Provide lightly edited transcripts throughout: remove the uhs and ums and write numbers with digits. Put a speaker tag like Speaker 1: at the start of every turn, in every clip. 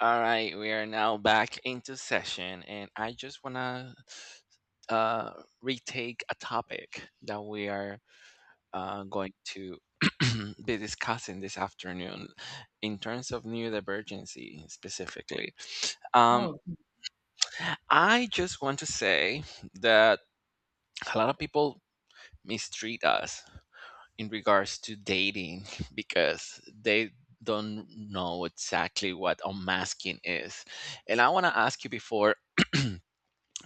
Speaker 1: All right, we are now back into session, and I just want to retake a topic that we are going to be discussing this afternoon in terms of neurodivergency specifically. Um,
Speaker 2: Oh,
Speaker 1: I just want to say that a lot of people mistreat us in regards to dating because they don't know exactly what unmasking is. And I want to ask you before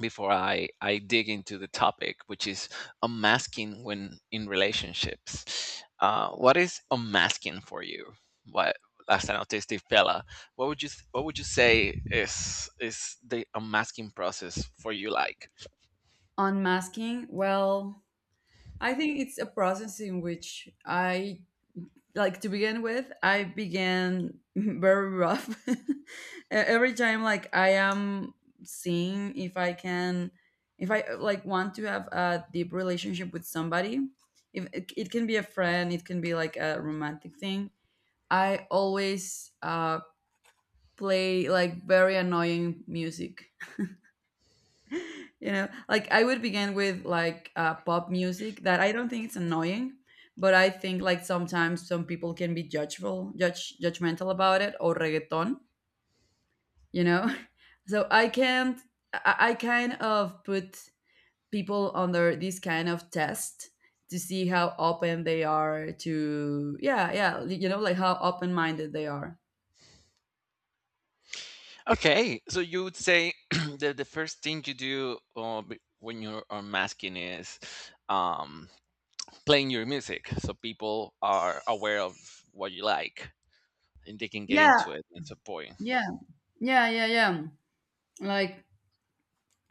Speaker 1: before I dig into the topic, which is unmasking when in relationships. What is unmasking for you? What last as an autistic fella, what would you say is the unmasking process for you like?
Speaker 2: Unmasking, well, I think it's a process in which I like to begin with, I began very rough. Every time like I am seeing if I can if I like want to have a deep relationship with somebody, if it can be a friend, it can be like a romantic thing. I always play like very annoying music, you know, like I would begin with like pop music that I don't think it's annoying, but I think like sometimes some people can be judgeful judge judgmental about it, or reggaeton, you know. So I can't, I kind of put people under this kind of test to see how open they are to, yeah, yeah, you know, like how open minded they are.
Speaker 1: Okay, so you would say that the first thing you do when you're unmasking is um, playing your music, so people are aware of what you like and they can get
Speaker 2: Yeah,
Speaker 1: into it. It's a point.
Speaker 2: yeah, yeah, yeah, yeah. Like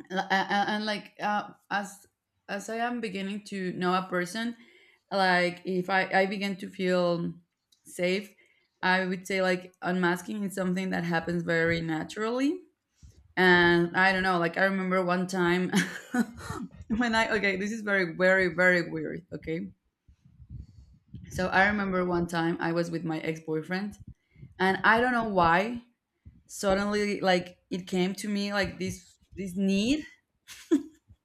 Speaker 2: and, and like as I am beginning to know a person, like if I begin to feel safe, I would say like unmasking is something that happens very naturally. And I don't know, like I remember one time when I, okay, this is very very very weird, okay. So I remember one time I was with my ex-boyfriend, and I don't know why, suddenly like it came to me like this need.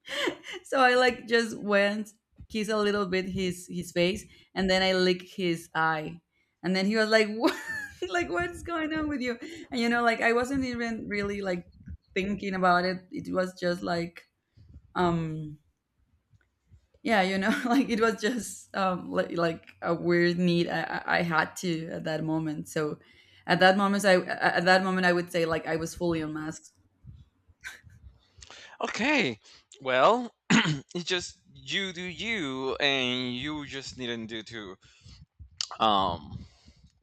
Speaker 2: So I like just went kiss a little bit his face, and then I lick his eye, and then he was like, "What? Like what's going on with you?" And you know, like I wasn't even really like thinking about it. It was just like, um, yeah, you know, Like it was just like a weird need I had to at that moment. So. At that moment, I at that moment I would say like I was fully unmasked.
Speaker 1: Okay. Well, it's just you do you, and you just needn't do to um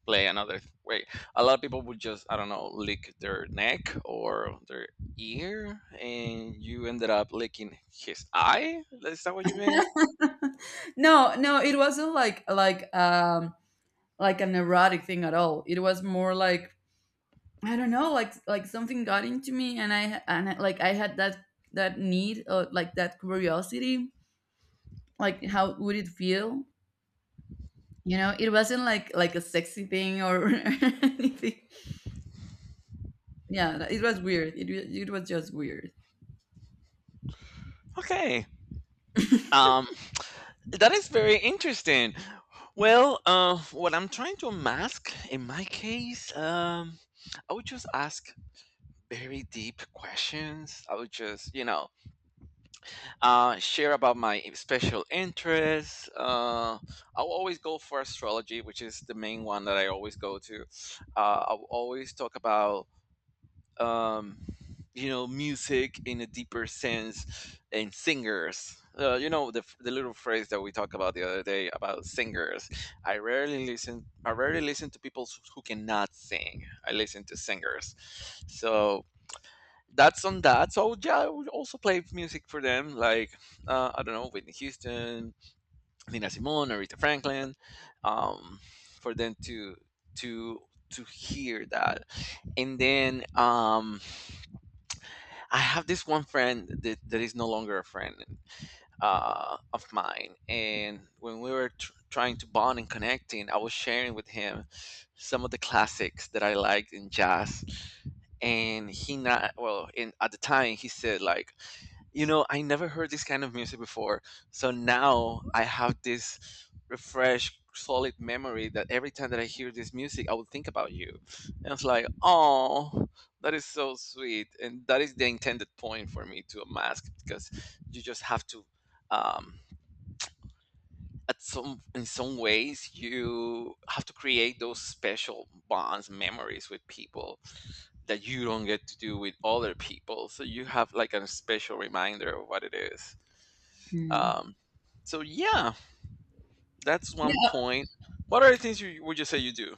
Speaker 1: play another way. A lot of people would just, I don't know, lick their neck or their ear, and you ended up licking his eye. Is that what you meant?
Speaker 2: No, no, it wasn't like like an erotic thing at all. It was more like I don't know, like something got into me, and like I had that need or like that curiosity, like how would it feel? You know, it wasn't like a sexy thing or anything. Yeah, it was weird. It was just weird.
Speaker 1: Okay. Um, that is very interesting. Well, what I'm trying to mask in my case, I would just ask very deep questions. I would just, you know, share about my special interests. I'll always go for astrology, which is the main one that I always go to. I'll always talk about, um, you know, music in a deeper sense and singers. You know the little phrase that we talked about the other day about singers. I rarely listen. I rarely listen to people who cannot sing. I listen to singers. So that's on that. So yeah, I would also play music for them, like I don't know, Whitney Houston, Nina Simone, Aretha Franklin, um, for them to to hear that. And then I have this one friend that is no longer a friend of mine. And when we were trying to bond and connecting, I was sharing with him some of the classics that I liked in jazz. And at the time he said, like, you know, I never heard this kind of music before. So now I have this refreshed solid memory that every time that I hear this music, I will think about you. And it's like, oh, that is so sweet. And that is the intended point for me to a mask, because you just have to, um, at some, in some ways, you have to create those special bonds, memories with people that you don't get to do with other people, so you have like a special reminder of what it is.
Speaker 2: Mm.
Speaker 1: um, so yeah, that's one
Speaker 2: Yeah.
Speaker 1: point. What are the things you would you say you do?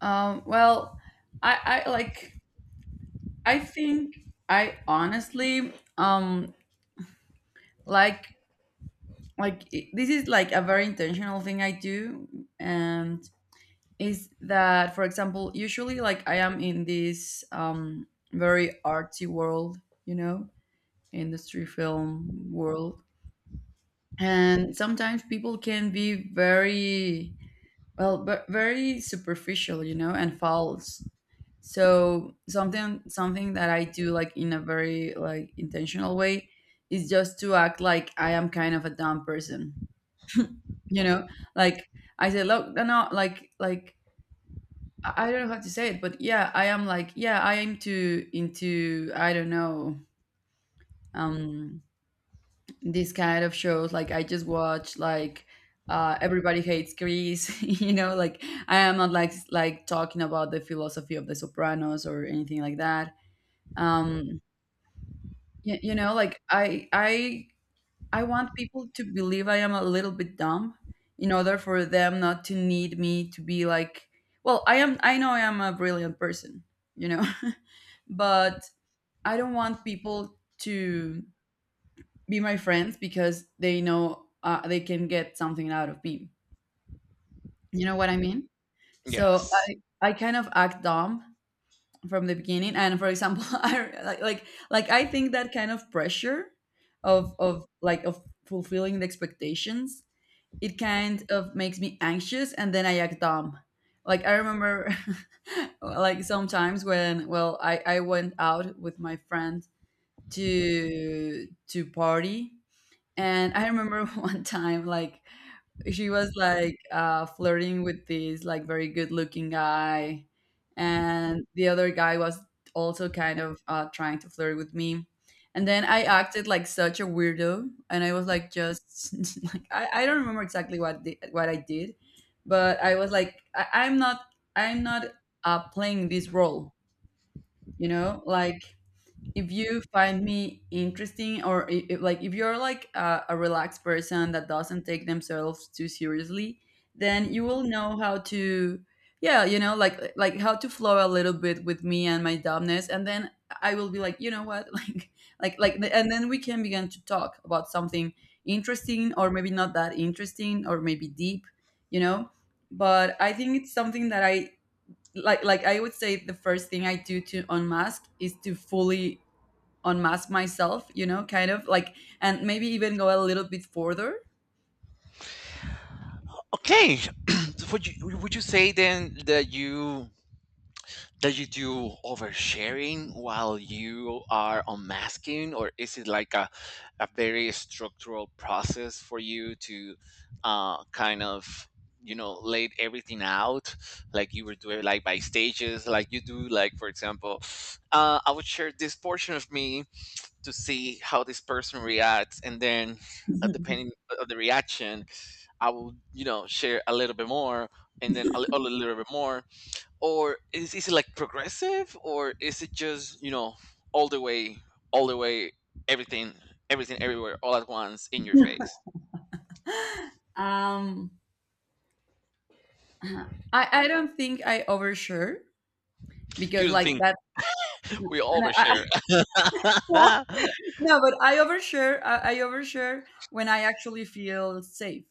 Speaker 2: Well, I like I think I honestly um like this is like a very intentional thing I do, and is that for example usually like I am in this very artsy world, you know, industry film world. And sometimes people can be very well but very superficial, you know, and false. So something that I do like in a very like intentional way is just to act like I am kind of a dumb person. You know, like I say, look, no, like I don't know how to say it, but yeah, I am like, yeah, I am too into, I don't know, um, this kind of shows. Like, I just watch like Everybody Hates Chris, you know, like I am not like like talking about the philosophy of The Sopranos or anything like that. Um, you know, like I want people to believe I am a little bit dumb in order for them not to need me to be like, well, I am. I know I am a brilliant person, you know. But I don't want people to be my friends because they know they can get something out of me. You know what I mean? So
Speaker 1: Yes.
Speaker 2: I kind of act dumb from the beginning. And for example, I like I think that kind of pressure of of fulfilling the expectations, it kind of makes me anxious, and then I act dumb. Like I remember, like sometimes when, well, I went out with my friend to party. And I remember one time, like she was like flirting with this like very good looking guy, and the other guy was also kind of trying to flirt with me. And then I acted like such a weirdo, and I was like just like I don't remember exactly what what I did, but I was like I'm not, I'm not playing this role, you know, like if you find me interesting, or like if you're like a relaxed person that doesn't take themselves too seriously, then you will know how to, yeah, you know, like how to flow a little bit with me and my dumbness. And then I will be like, you know what, like like, and then we can begin to talk about something interesting or maybe not that interesting or maybe deep, you know. But I think it's something that I like I would say the first thing I do to unmask is to fully unmask myself, you know, kind of like, and maybe even go a little bit further.
Speaker 1: Okay. So would you, would you say then that you, that you do oversharing while you are unmasking, or is it like a very structural process for you to kind of, you know, laid everything out, like you were doing, like by stages, like you do, like, for example, I would share this portion of me to see how this person reacts, and then depending on the reaction, I will, you know, share a little bit more, and then a little bit more. Or is it like progressive, or is it just, you know, all the way, all the way, everything, everything everywhere all at once in your face?
Speaker 2: Um, I I don't think I overshare
Speaker 1: You
Speaker 2: because
Speaker 1: don't
Speaker 2: like
Speaker 1: think
Speaker 2: that.
Speaker 1: we
Speaker 2: and I-
Speaker 1: overshare?
Speaker 2: I- no, but I overshare. I overshare when I actually feel safe.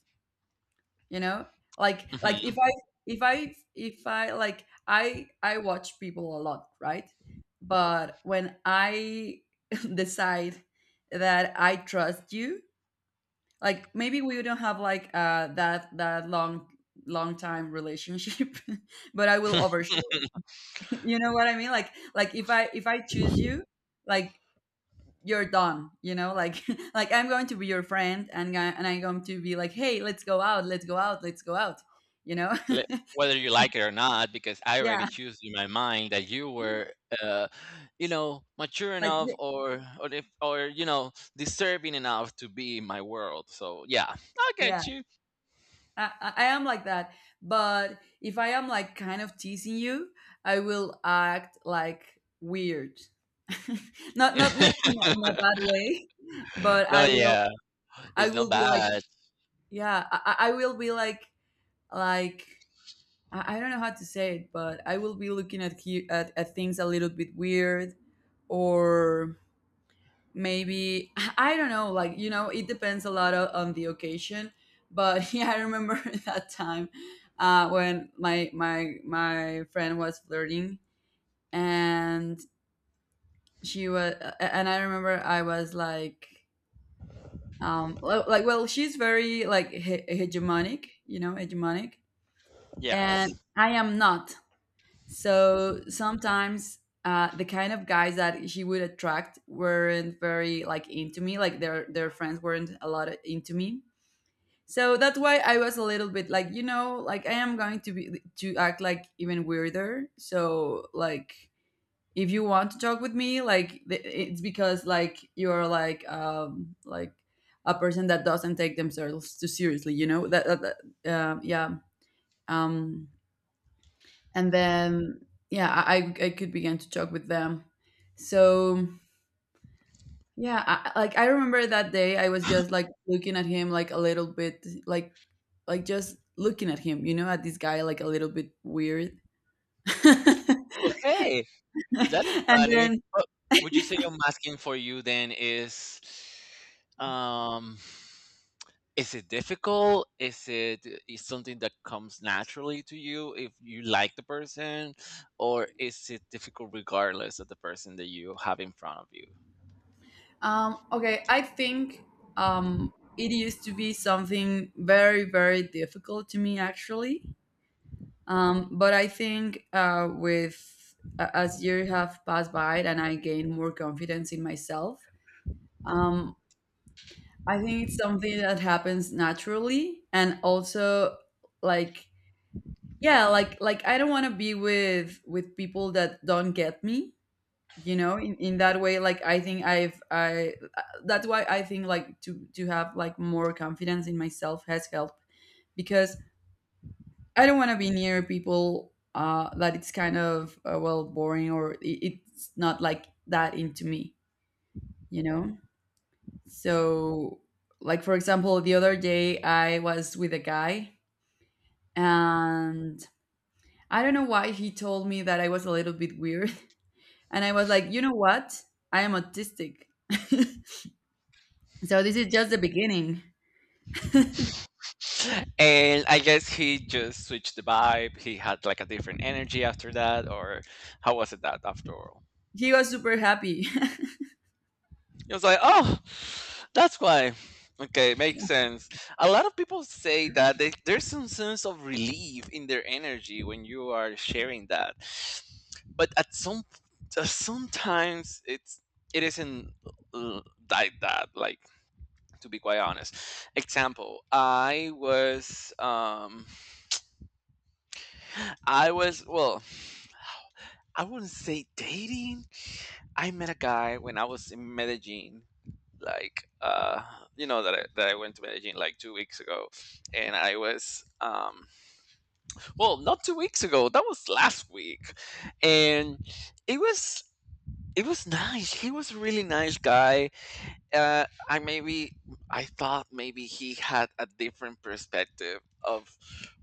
Speaker 2: You know, like
Speaker 1: Mhm.
Speaker 2: if I if I like I watch people a lot, right? But when I decide that I trust you, like maybe we don't have like that long long time relationship, but I will overshoot. You know what I mean? Like if I choose you, like you're done, you know, like like I'm going to be your friend. And and I'm going to be like, hey, let's go out, let's go out, let's go out, you know.
Speaker 1: le- Whether you like it or not, because I already
Speaker 2: Yeah,
Speaker 1: choose in my mind that you were, uh, you know, mature
Speaker 2: like
Speaker 1: enough or if, or you know, disturbing enough to be in my world. So yeah, I
Speaker 2: yeah,
Speaker 1: get you.
Speaker 2: I am like that. But if I am like kind of teasing you, I will act like weird. Not not like in in a bad way, but
Speaker 1: No,
Speaker 2: I will,
Speaker 1: yeah,
Speaker 2: I
Speaker 1: it's not
Speaker 2: will be like,
Speaker 1: bad.
Speaker 2: yeah, I, I will be like I don't know how to say it, but I will be looking at you at things a little bit weird. Or maybe I don't know, like you know, it depends a lot on the occasion. But yeah, I remember that time when my friend was flirting, and she was and I remember I was like, like, well, she's very like hegemonic, you know, hegemonic, and
Speaker 1: Yes.
Speaker 2: I am not. So sometimes the kind of guys that she would attract weren't very like into me. Like their friends weren't a lot into me. So that's why I was a little bit like, you know, like I am going to be to act like even weirder. So like if you want to talk with me like it's because like you're like a person that doesn't take themselves too seriously. You know that yeah. um and then, yeah, I could begin to talk with them. So yeah, like I remember that day I was just like looking at him like a little bit like just looking at him, you know, at this guy like a little bit weird.
Speaker 1: Okay, that is
Speaker 2: And
Speaker 1: funny.
Speaker 2: then
Speaker 1: But would you say I'm asking for you then is, um, is it difficult? Is it is something that comes naturally to you if you like the person, or is it difficult regardless of the person that you have in front of you?
Speaker 2: okay, I think it used to be something very very difficult to me actually. But I think with as years have passed by and I gain more confidence in myself, um, I think it's something that happens naturally. And also, like yeah, like I don't want to be with people that don't get me, you know. In that way, like I think I, that's why I think like to have like more confidence in myself has helped, because I don't want to be near people that it's kind of well, boring, or it's not like that into me, you know. So, like for example, the other day I was with a guy, and I don't know why he told me that I was a little bit weird, and I was like, you know what, I am autistic. So this is just the beginning.
Speaker 1: And I guess he just switched the vibe. He had like a different energy after that, or how was it that after all?
Speaker 2: He was super happy.
Speaker 1: It was like, oh, that's why. Okay, makes sense. A lot of people say that they, there's some sense of relief in their energy when you are sharing that, but at some sometimes it's, it isn't uh, like that. Like, to be quite honest, example, I was well, I wouldn't say dating. I met a guy when I was in Medellin like uh, you know, that I went to Medellin like 2 weeks ago. And I was um, well, not 2 weeks ago, that was last week. And it was, it was nice, he was a really nice guy. Uh, I maybe, I thought maybe he had a different perspective of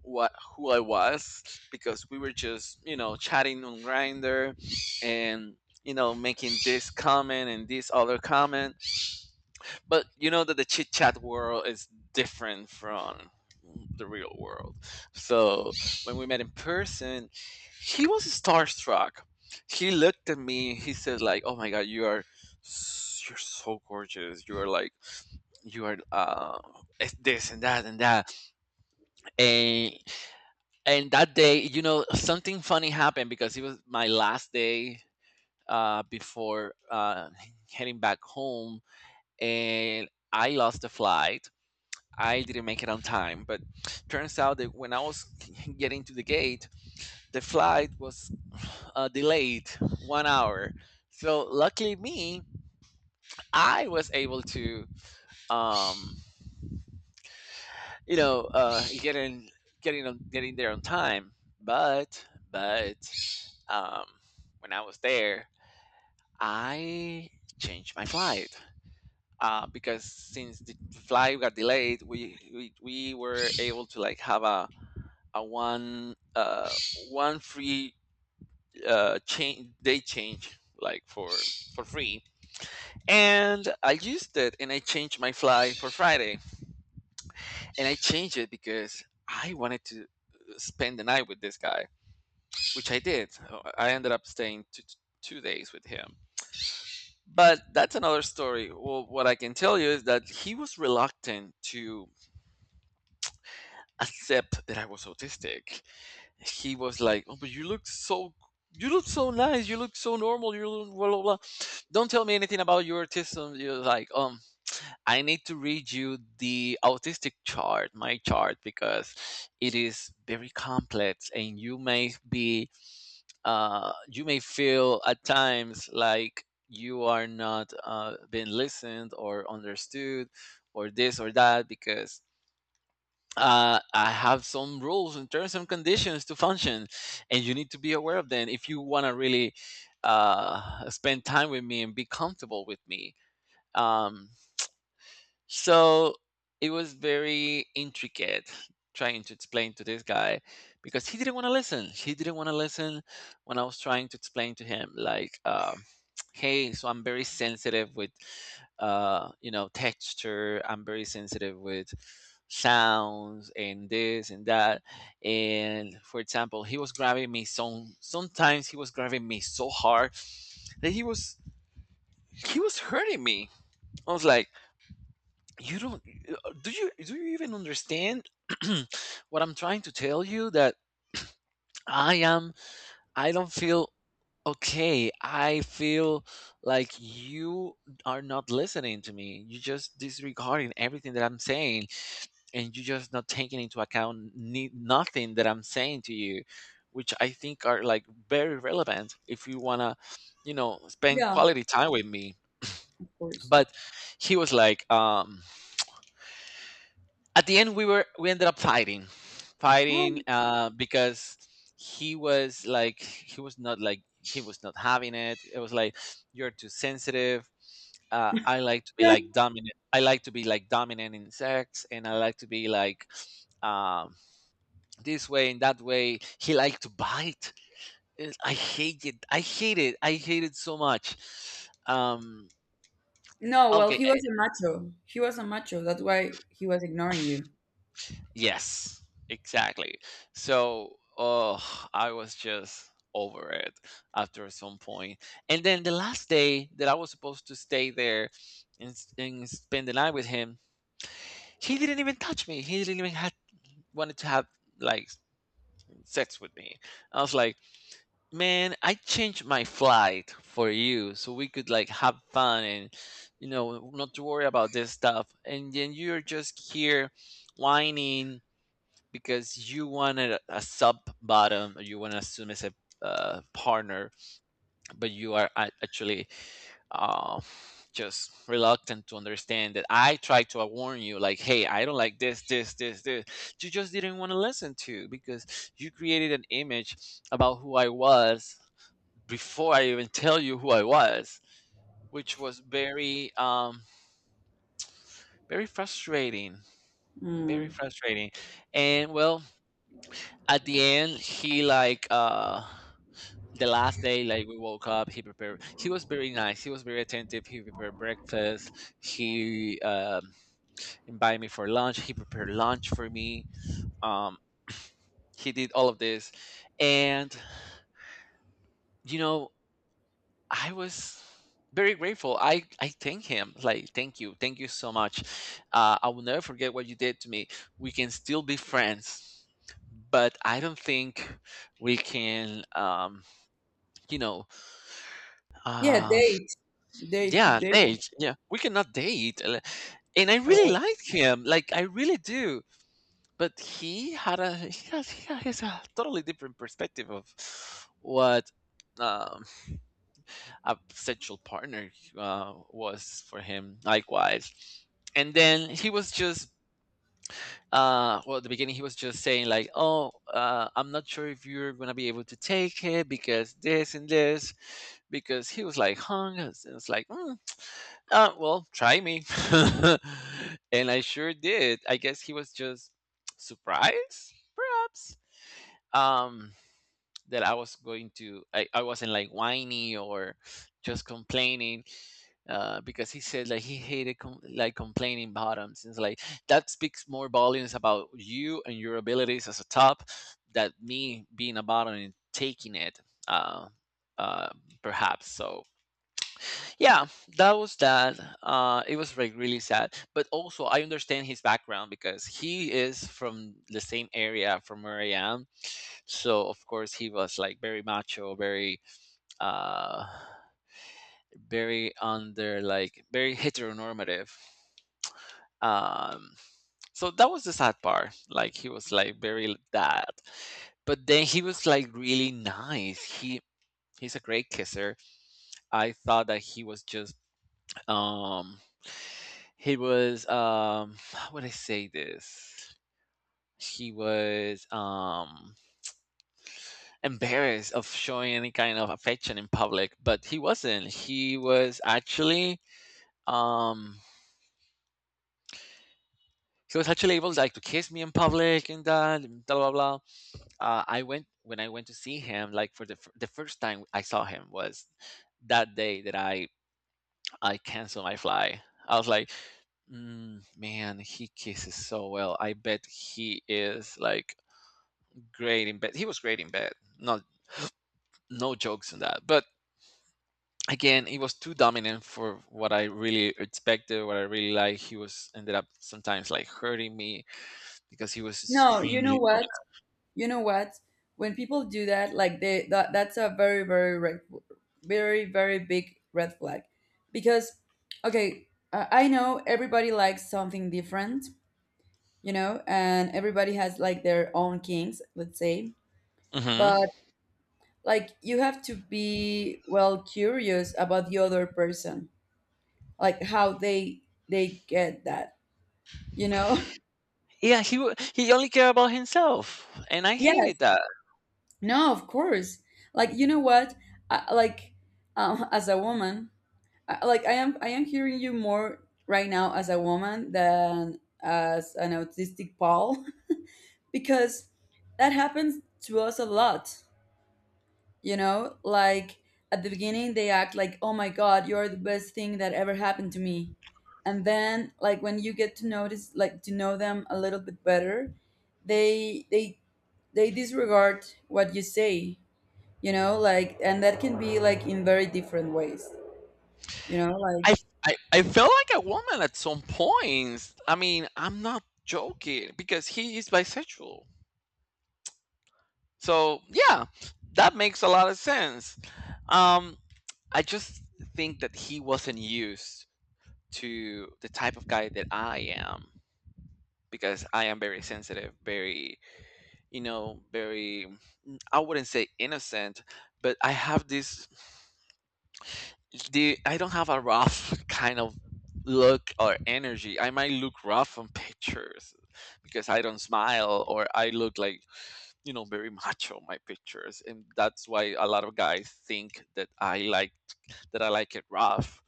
Speaker 1: what, who I was, because we were just, you know, chatting on Grinder and, you know, making this comment and this other comment. But you know that the chit chat world is different from the real world. So when we met in person, he was starstruck. He looked at me. He said, "Like, oh my God, you are. s- You're so gorgeous. You are like, you are uh, it's this and that and that." And that day, you know, something funny happened because it was my last day before heading back home, and I lost the flight. I didn't make it on time. But turns out that when I was getting to the gate, the flight was delayed 1 hour. So luckily me, I was able to, um, you know, get in, getting there on time. But but um, when I was there, I changed my flight because since the flight got delayed, we were able to like have a one uh, one free uh, change day change, like, for free. And I used it, and I changed my flight for Friday. And I changed it because I wanted to spend the night with this guy, which I did. I ended up staying 2 days with him, but that's another story. Well, what I can tell you is that he was reluctant to accept that I was autistic. He was like, "Oh, but you look so nice. You look so normal. You look blah blah blah. Don't tell me anything about your autism." You're like, I need to read you the autistic chart, my chart, because it is very complex, and you may be, you may feel at times like, you are not being listened or understood or this or that, because I have some rules and terms and conditions to function, and you need to be aware of them if you want to really spend time with me and be comfortable with me." Um, so it was very intricate trying to explain to this guy, because he didn't want to listen. He didn't want to listen when I was trying to explain to him, like, hey, so I'm very sensitive with, you know, texture. I'm very sensitive with sounds and this and that. And for example, he was grabbing me, sometimes he was grabbing me so hard that he was, he was hurting me. I was like, you don't do you, do you even understand what I'm trying to tell you? That I am, I don't feel okay. I feel like you are not listening to me, you just disregarding everything that I'm saying, and you just not taking into account nothing that I'm saying to you, which I think are like very relevant if you want to, you know, spend
Speaker 2: Yeah,
Speaker 1: quality time with me.
Speaker 2: of course.
Speaker 1: But he was like um, at the end we were, we ended up fighting, because he was like, he was not having it. It was like, you're too sensitive, I like to be like dominant, I like to be like dominant in sex, and I like to be like, um, this way and that way. He liked to bite. I hate it, I hate it, I hate it so much. Um,
Speaker 2: No, well,
Speaker 1: okay.
Speaker 2: he was a macho. He was a macho. That's why he was ignoring you.
Speaker 1: Yes, exactly. So, oh, I was just over it after some point. And then the last day that I was supposed to stay there and, and spend the night with him, he didn't even touch me. He didn't even had wanted to have like sex with me. I was like, man, I changed my flight for you so we could like have fun, and you know, not to worry about this stuff. And then you're just here whining because you wanted a sub bottom, or you want to assume as a partner, but you are actually uh, just reluctant to understand that I tried to warn you like, hey, I don't like this, this, this, this. You just didn't want to listen to, because you created an image about who I was before I even tell you who I was, which was very very frustrating. Very
Speaker 2: Mm.
Speaker 1: frustrating. And well, at the end he like the last day, like, we woke up. He prepared, he was very nice, he was very attentive, he prepared breakfast, he invited me for lunch, he prepared lunch for me. um, he did all of this, and you know, I was very grateful. I thank him like, thank you, thank you so much. I will never forget what you did to me. We can still be friends, but I don't think we can, um, you know.
Speaker 2: Yeah,
Speaker 1: Um,
Speaker 2: date. Date. Keep
Speaker 1: Yeah,
Speaker 2: dating
Speaker 1: date. Yeah, we cannot date. And I
Speaker 2: at
Speaker 1: really
Speaker 2: all.
Speaker 1: liked him. Like, I really do. But he had a he has a totally different perspective of what, um, a potential partner was for him. Likewise, and then he was just, well, at the beginning he was just saying like, oh, I'm not sure if you're gonna be able to take it because this and this, because he was like hung, and it's like, "Mm, well, try me." And I sure did. I guess he was just surprised, perhaps. um that I was going to, I wasn't like whiny or just complaining, because he said like he hated like complaining bottoms. It's like, that speaks more volumes about you and your abilities as a top that me being a bottom and taking it. Uh, uh, Perhaps so. Yeah, that was that. It was like really sad, but also I understand his background because he is from the same area from where I am. So of course he was like very macho, very, uh very under like very heteronormative, um so that was the sad part. Like he was like very that. But then he was like really nice. He, he's a great kisser. I thought that he was just, um he was, um, how would I say this? He was, um, embarrassed of showing any kind of affection in public, but he wasn't. He was actually, um he was actually able, like, to kiss me in public and that, and blah blah blah. I went, when I went to see him, like for the, the first time I saw him was that day that I canceled my fly. I was like, mm, man, he kisses so well. I bet he is like great in bed. He was great in bed. Not, no jokes on that. But again, he was too dominant for what I really expected, what I really like. He was, ended up sometimes like hurting me because he was
Speaker 2: No, you know
Speaker 1: extremely
Speaker 2: what? You know what? When people do that, like they that that's a very very red, very very big red flag, because okay, I know everybody likes something different, you know, and everybody has like their own kinks, let's say,
Speaker 1: dominant.
Speaker 2: but
Speaker 1: Hmm,
Speaker 2: like you have to be well curious about the other person, like how they get that you know
Speaker 1: yeah, he only cared about himself, and I hated
Speaker 2: yes,
Speaker 1: that.
Speaker 2: no, of course. Like you know what, I, like as a woman, I am hearing you more right now as a woman than as an autistic Paul. Because that happens to us a lot, you know, like at the beginning they act like, oh my god, you're the best thing that ever happened to me, and then like when you get to notice, like to know them a little bit better, they they they disregard what you say, you know, like, and that can be like in very different ways, you know, like.
Speaker 1: I, I felt like a woman at some points. I mean, I'm not joking, because he is bisexual, so yeah, that makes a lot of sense. um I just think that he wasn't used to the type of guy that I am, because I am very sensitive, very, you know, very, I wouldn't say innocent, but I have this, I don't have a rough kind of look or energy. I might look rough on pictures because I don't smile, or I look like, you know, very macho on my pictures. And that's why a lot of guys think that that I like it rough.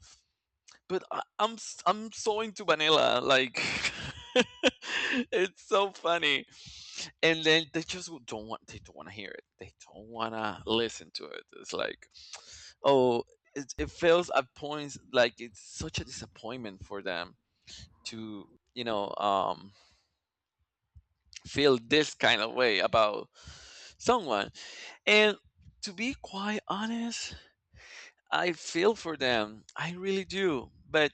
Speaker 1: But I'm so into vanilla, like it's so funny. And then they just w- don't want they don't want to hear it. They don't want to listen to it. It's like, oh, it feels at points like it's such a disappointment for them to, you know, feel this kind of way about someone. And to be quite honest, I feel for them. I really do. But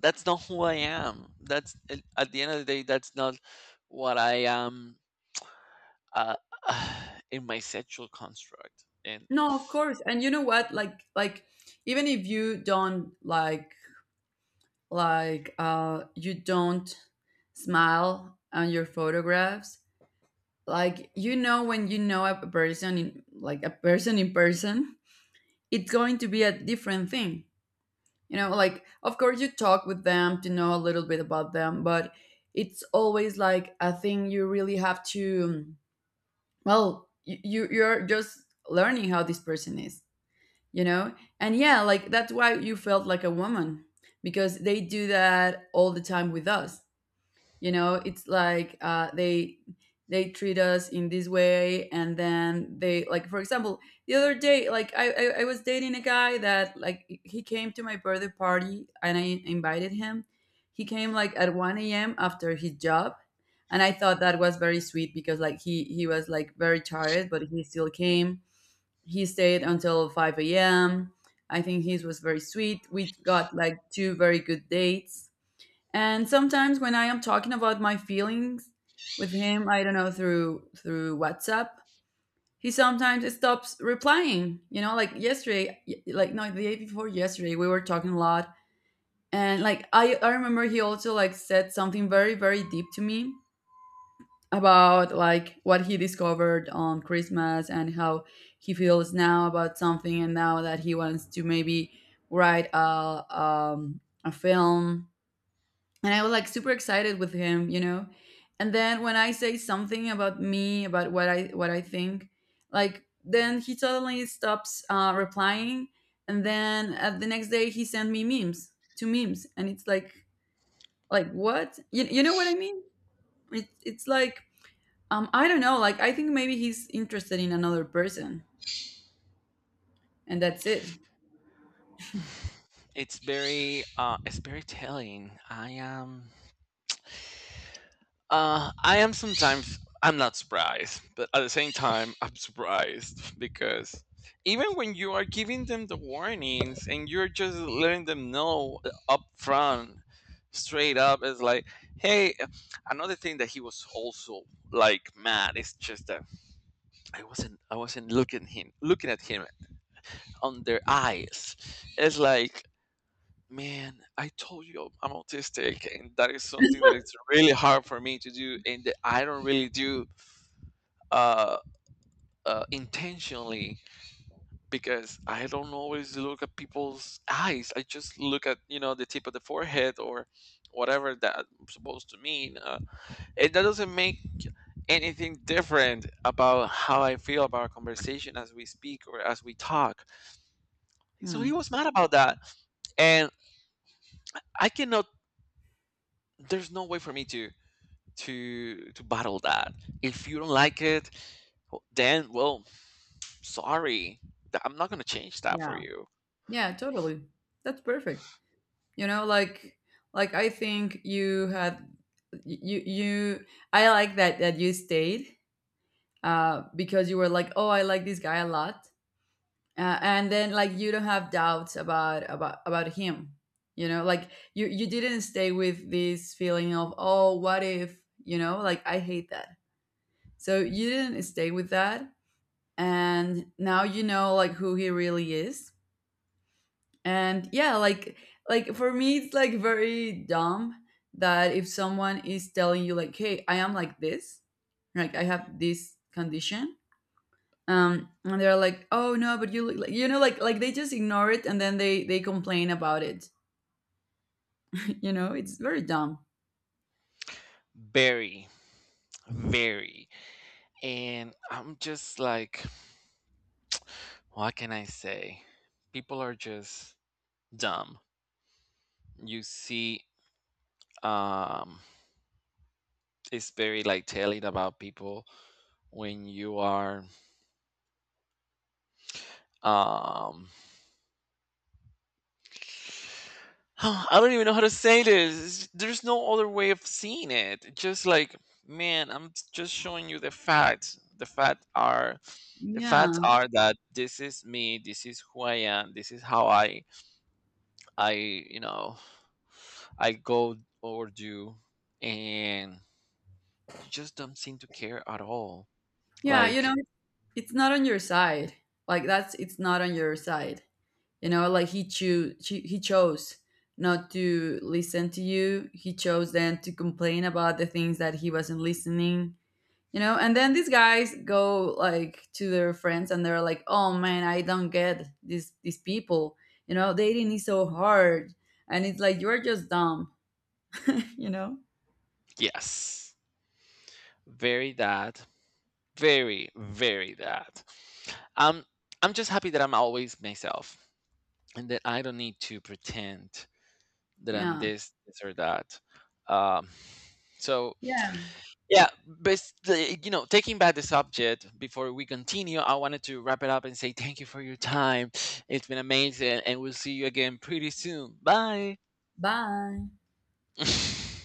Speaker 1: that's not who I am. That's, at the end of the day, that's not what I am, uh, in my sexual construct. And
Speaker 2: No, of course, and you know what, like even if you don't smile on your photographs, like you know, when you know a person in, like, a person in person, it's going to be a different thing, you know, like, of course you talk with them to know a little bit about them, but it's always like a thing you really have to, well, you're just learning how this person is, you know. And yeah, like that's why you felt like a woman, because they do that all the time with us, you know. It's like, they treat us in this way, and then they, like for example, the other day, like I was dating a guy that like he came to my birthday party, and I invited him. He came like at 1 a.m after his job, and I thought that was very sweet, because like he was like very tired, but he still came. He stayed until 5 a.m. I think his was very sweet. We got like two very good dates. And sometimes when I am talking about my feelings with him, I don't know, through WhatsApp, he sometimes stops replying. You know, like yesterday, like no, the day before yesterday, we were talking a lot, and like I remember he also like said something very very deep to me about like what he discovered on Christmas and how he feels now about something, and now that he wants to maybe write a film, and I was like super excited with him, you know. And then when I say something about me, about what I think, like then he suddenly stops replying, and then the next day he sent me memes, two memes, and it's like what, you know what I mean? It's like, I don't know, like I think maybe he's interested in another person, and that's it.
Speaker 1: it's very, it's very telling. I am. I am, sometimes I'm not surprised, but at the same time I'm surprised because even when you are giving them the warnings and you're just letting them know up front, straight up, it's like, hey. Another thing that he was also like mad is just that I wasn't looking him looking at him on their eyes. It's like, man, I told you I'm autistic, and that is something that it's really hard for me to do, and that I don't really do uh, intentionally, because I don't always look at people's eyes. I just look at, you know, the tip of the forehead or whatever that's supposed to mean. And that doesn't make anything different about how I feel about our conversation as we speak or as we talk. So he
Speaker 2: Hmm.
Speaker 1: was mad about that, and I cannot. There's no way for me to, to battle that. If you don't like it, then well, sorry, I'm not gonna change that for
Speaker 2: Yeah,
Speaker 1: you.
Speaker 2: yeah, totally. That's perfect. You know, like, I think you had, you I like that you stayed, because you were like, oh, I like this guy a lot. And then like you don't have doubts about him, you know, like you didn't stay with this feeling of, oh, what if, you know, like I hate that. So you didn't stay with that, and now you know, like, who he really is. And yeah, like for me it's like very dumb that if someone is telling you like, hey, I am like this, like I have this condition, and they're like, oh no, but you look like, you know, like, they just ignore it and then they complain about it. You know, it's very dumb.
Speaker 1: Very, very. And I'm just like, what can I say? People are just dumb. You see, um, it's very like telling about people when you are, um I don't even know how to say this. There's no other way of seeing it. Just like, man, I'm just showing you the facts. The facts are, the facts
Speaker 2: Yeah,
Speaker 1: are that this is me, this is who I am, this is how I, you know, I go or do, and you just don't seem to care at all.
Speaker 2: yeah, you know,
Speaker 1: Like,
Speaker 2: it's not on your side, like that's it's not on your side. You know, like, he chose not to listen to you. He chose then to complain about the things that he wasn't listening, you know. And then these guys go like to their friends, and they're like, oh man, I don't get these people. You know, dating is so hard. And it's like, you're just dumb. You know.
Speaker 1: yes. Very that. Very, very that. Um I'm just happy that I'm always myself, and that I don't need to pretend that I'm
Speaker 2: Yeah,
Speaker 1: this, this or that. Um, so
Speaker 2: yeah.
Speaker 1: yeah, basically, you know, taking back the subject before we continue, I wanted to wrap it up and say thank you for your time. It's been amazing, and we'll see you again pretty soon. Bye.
Speaker 2: Bye.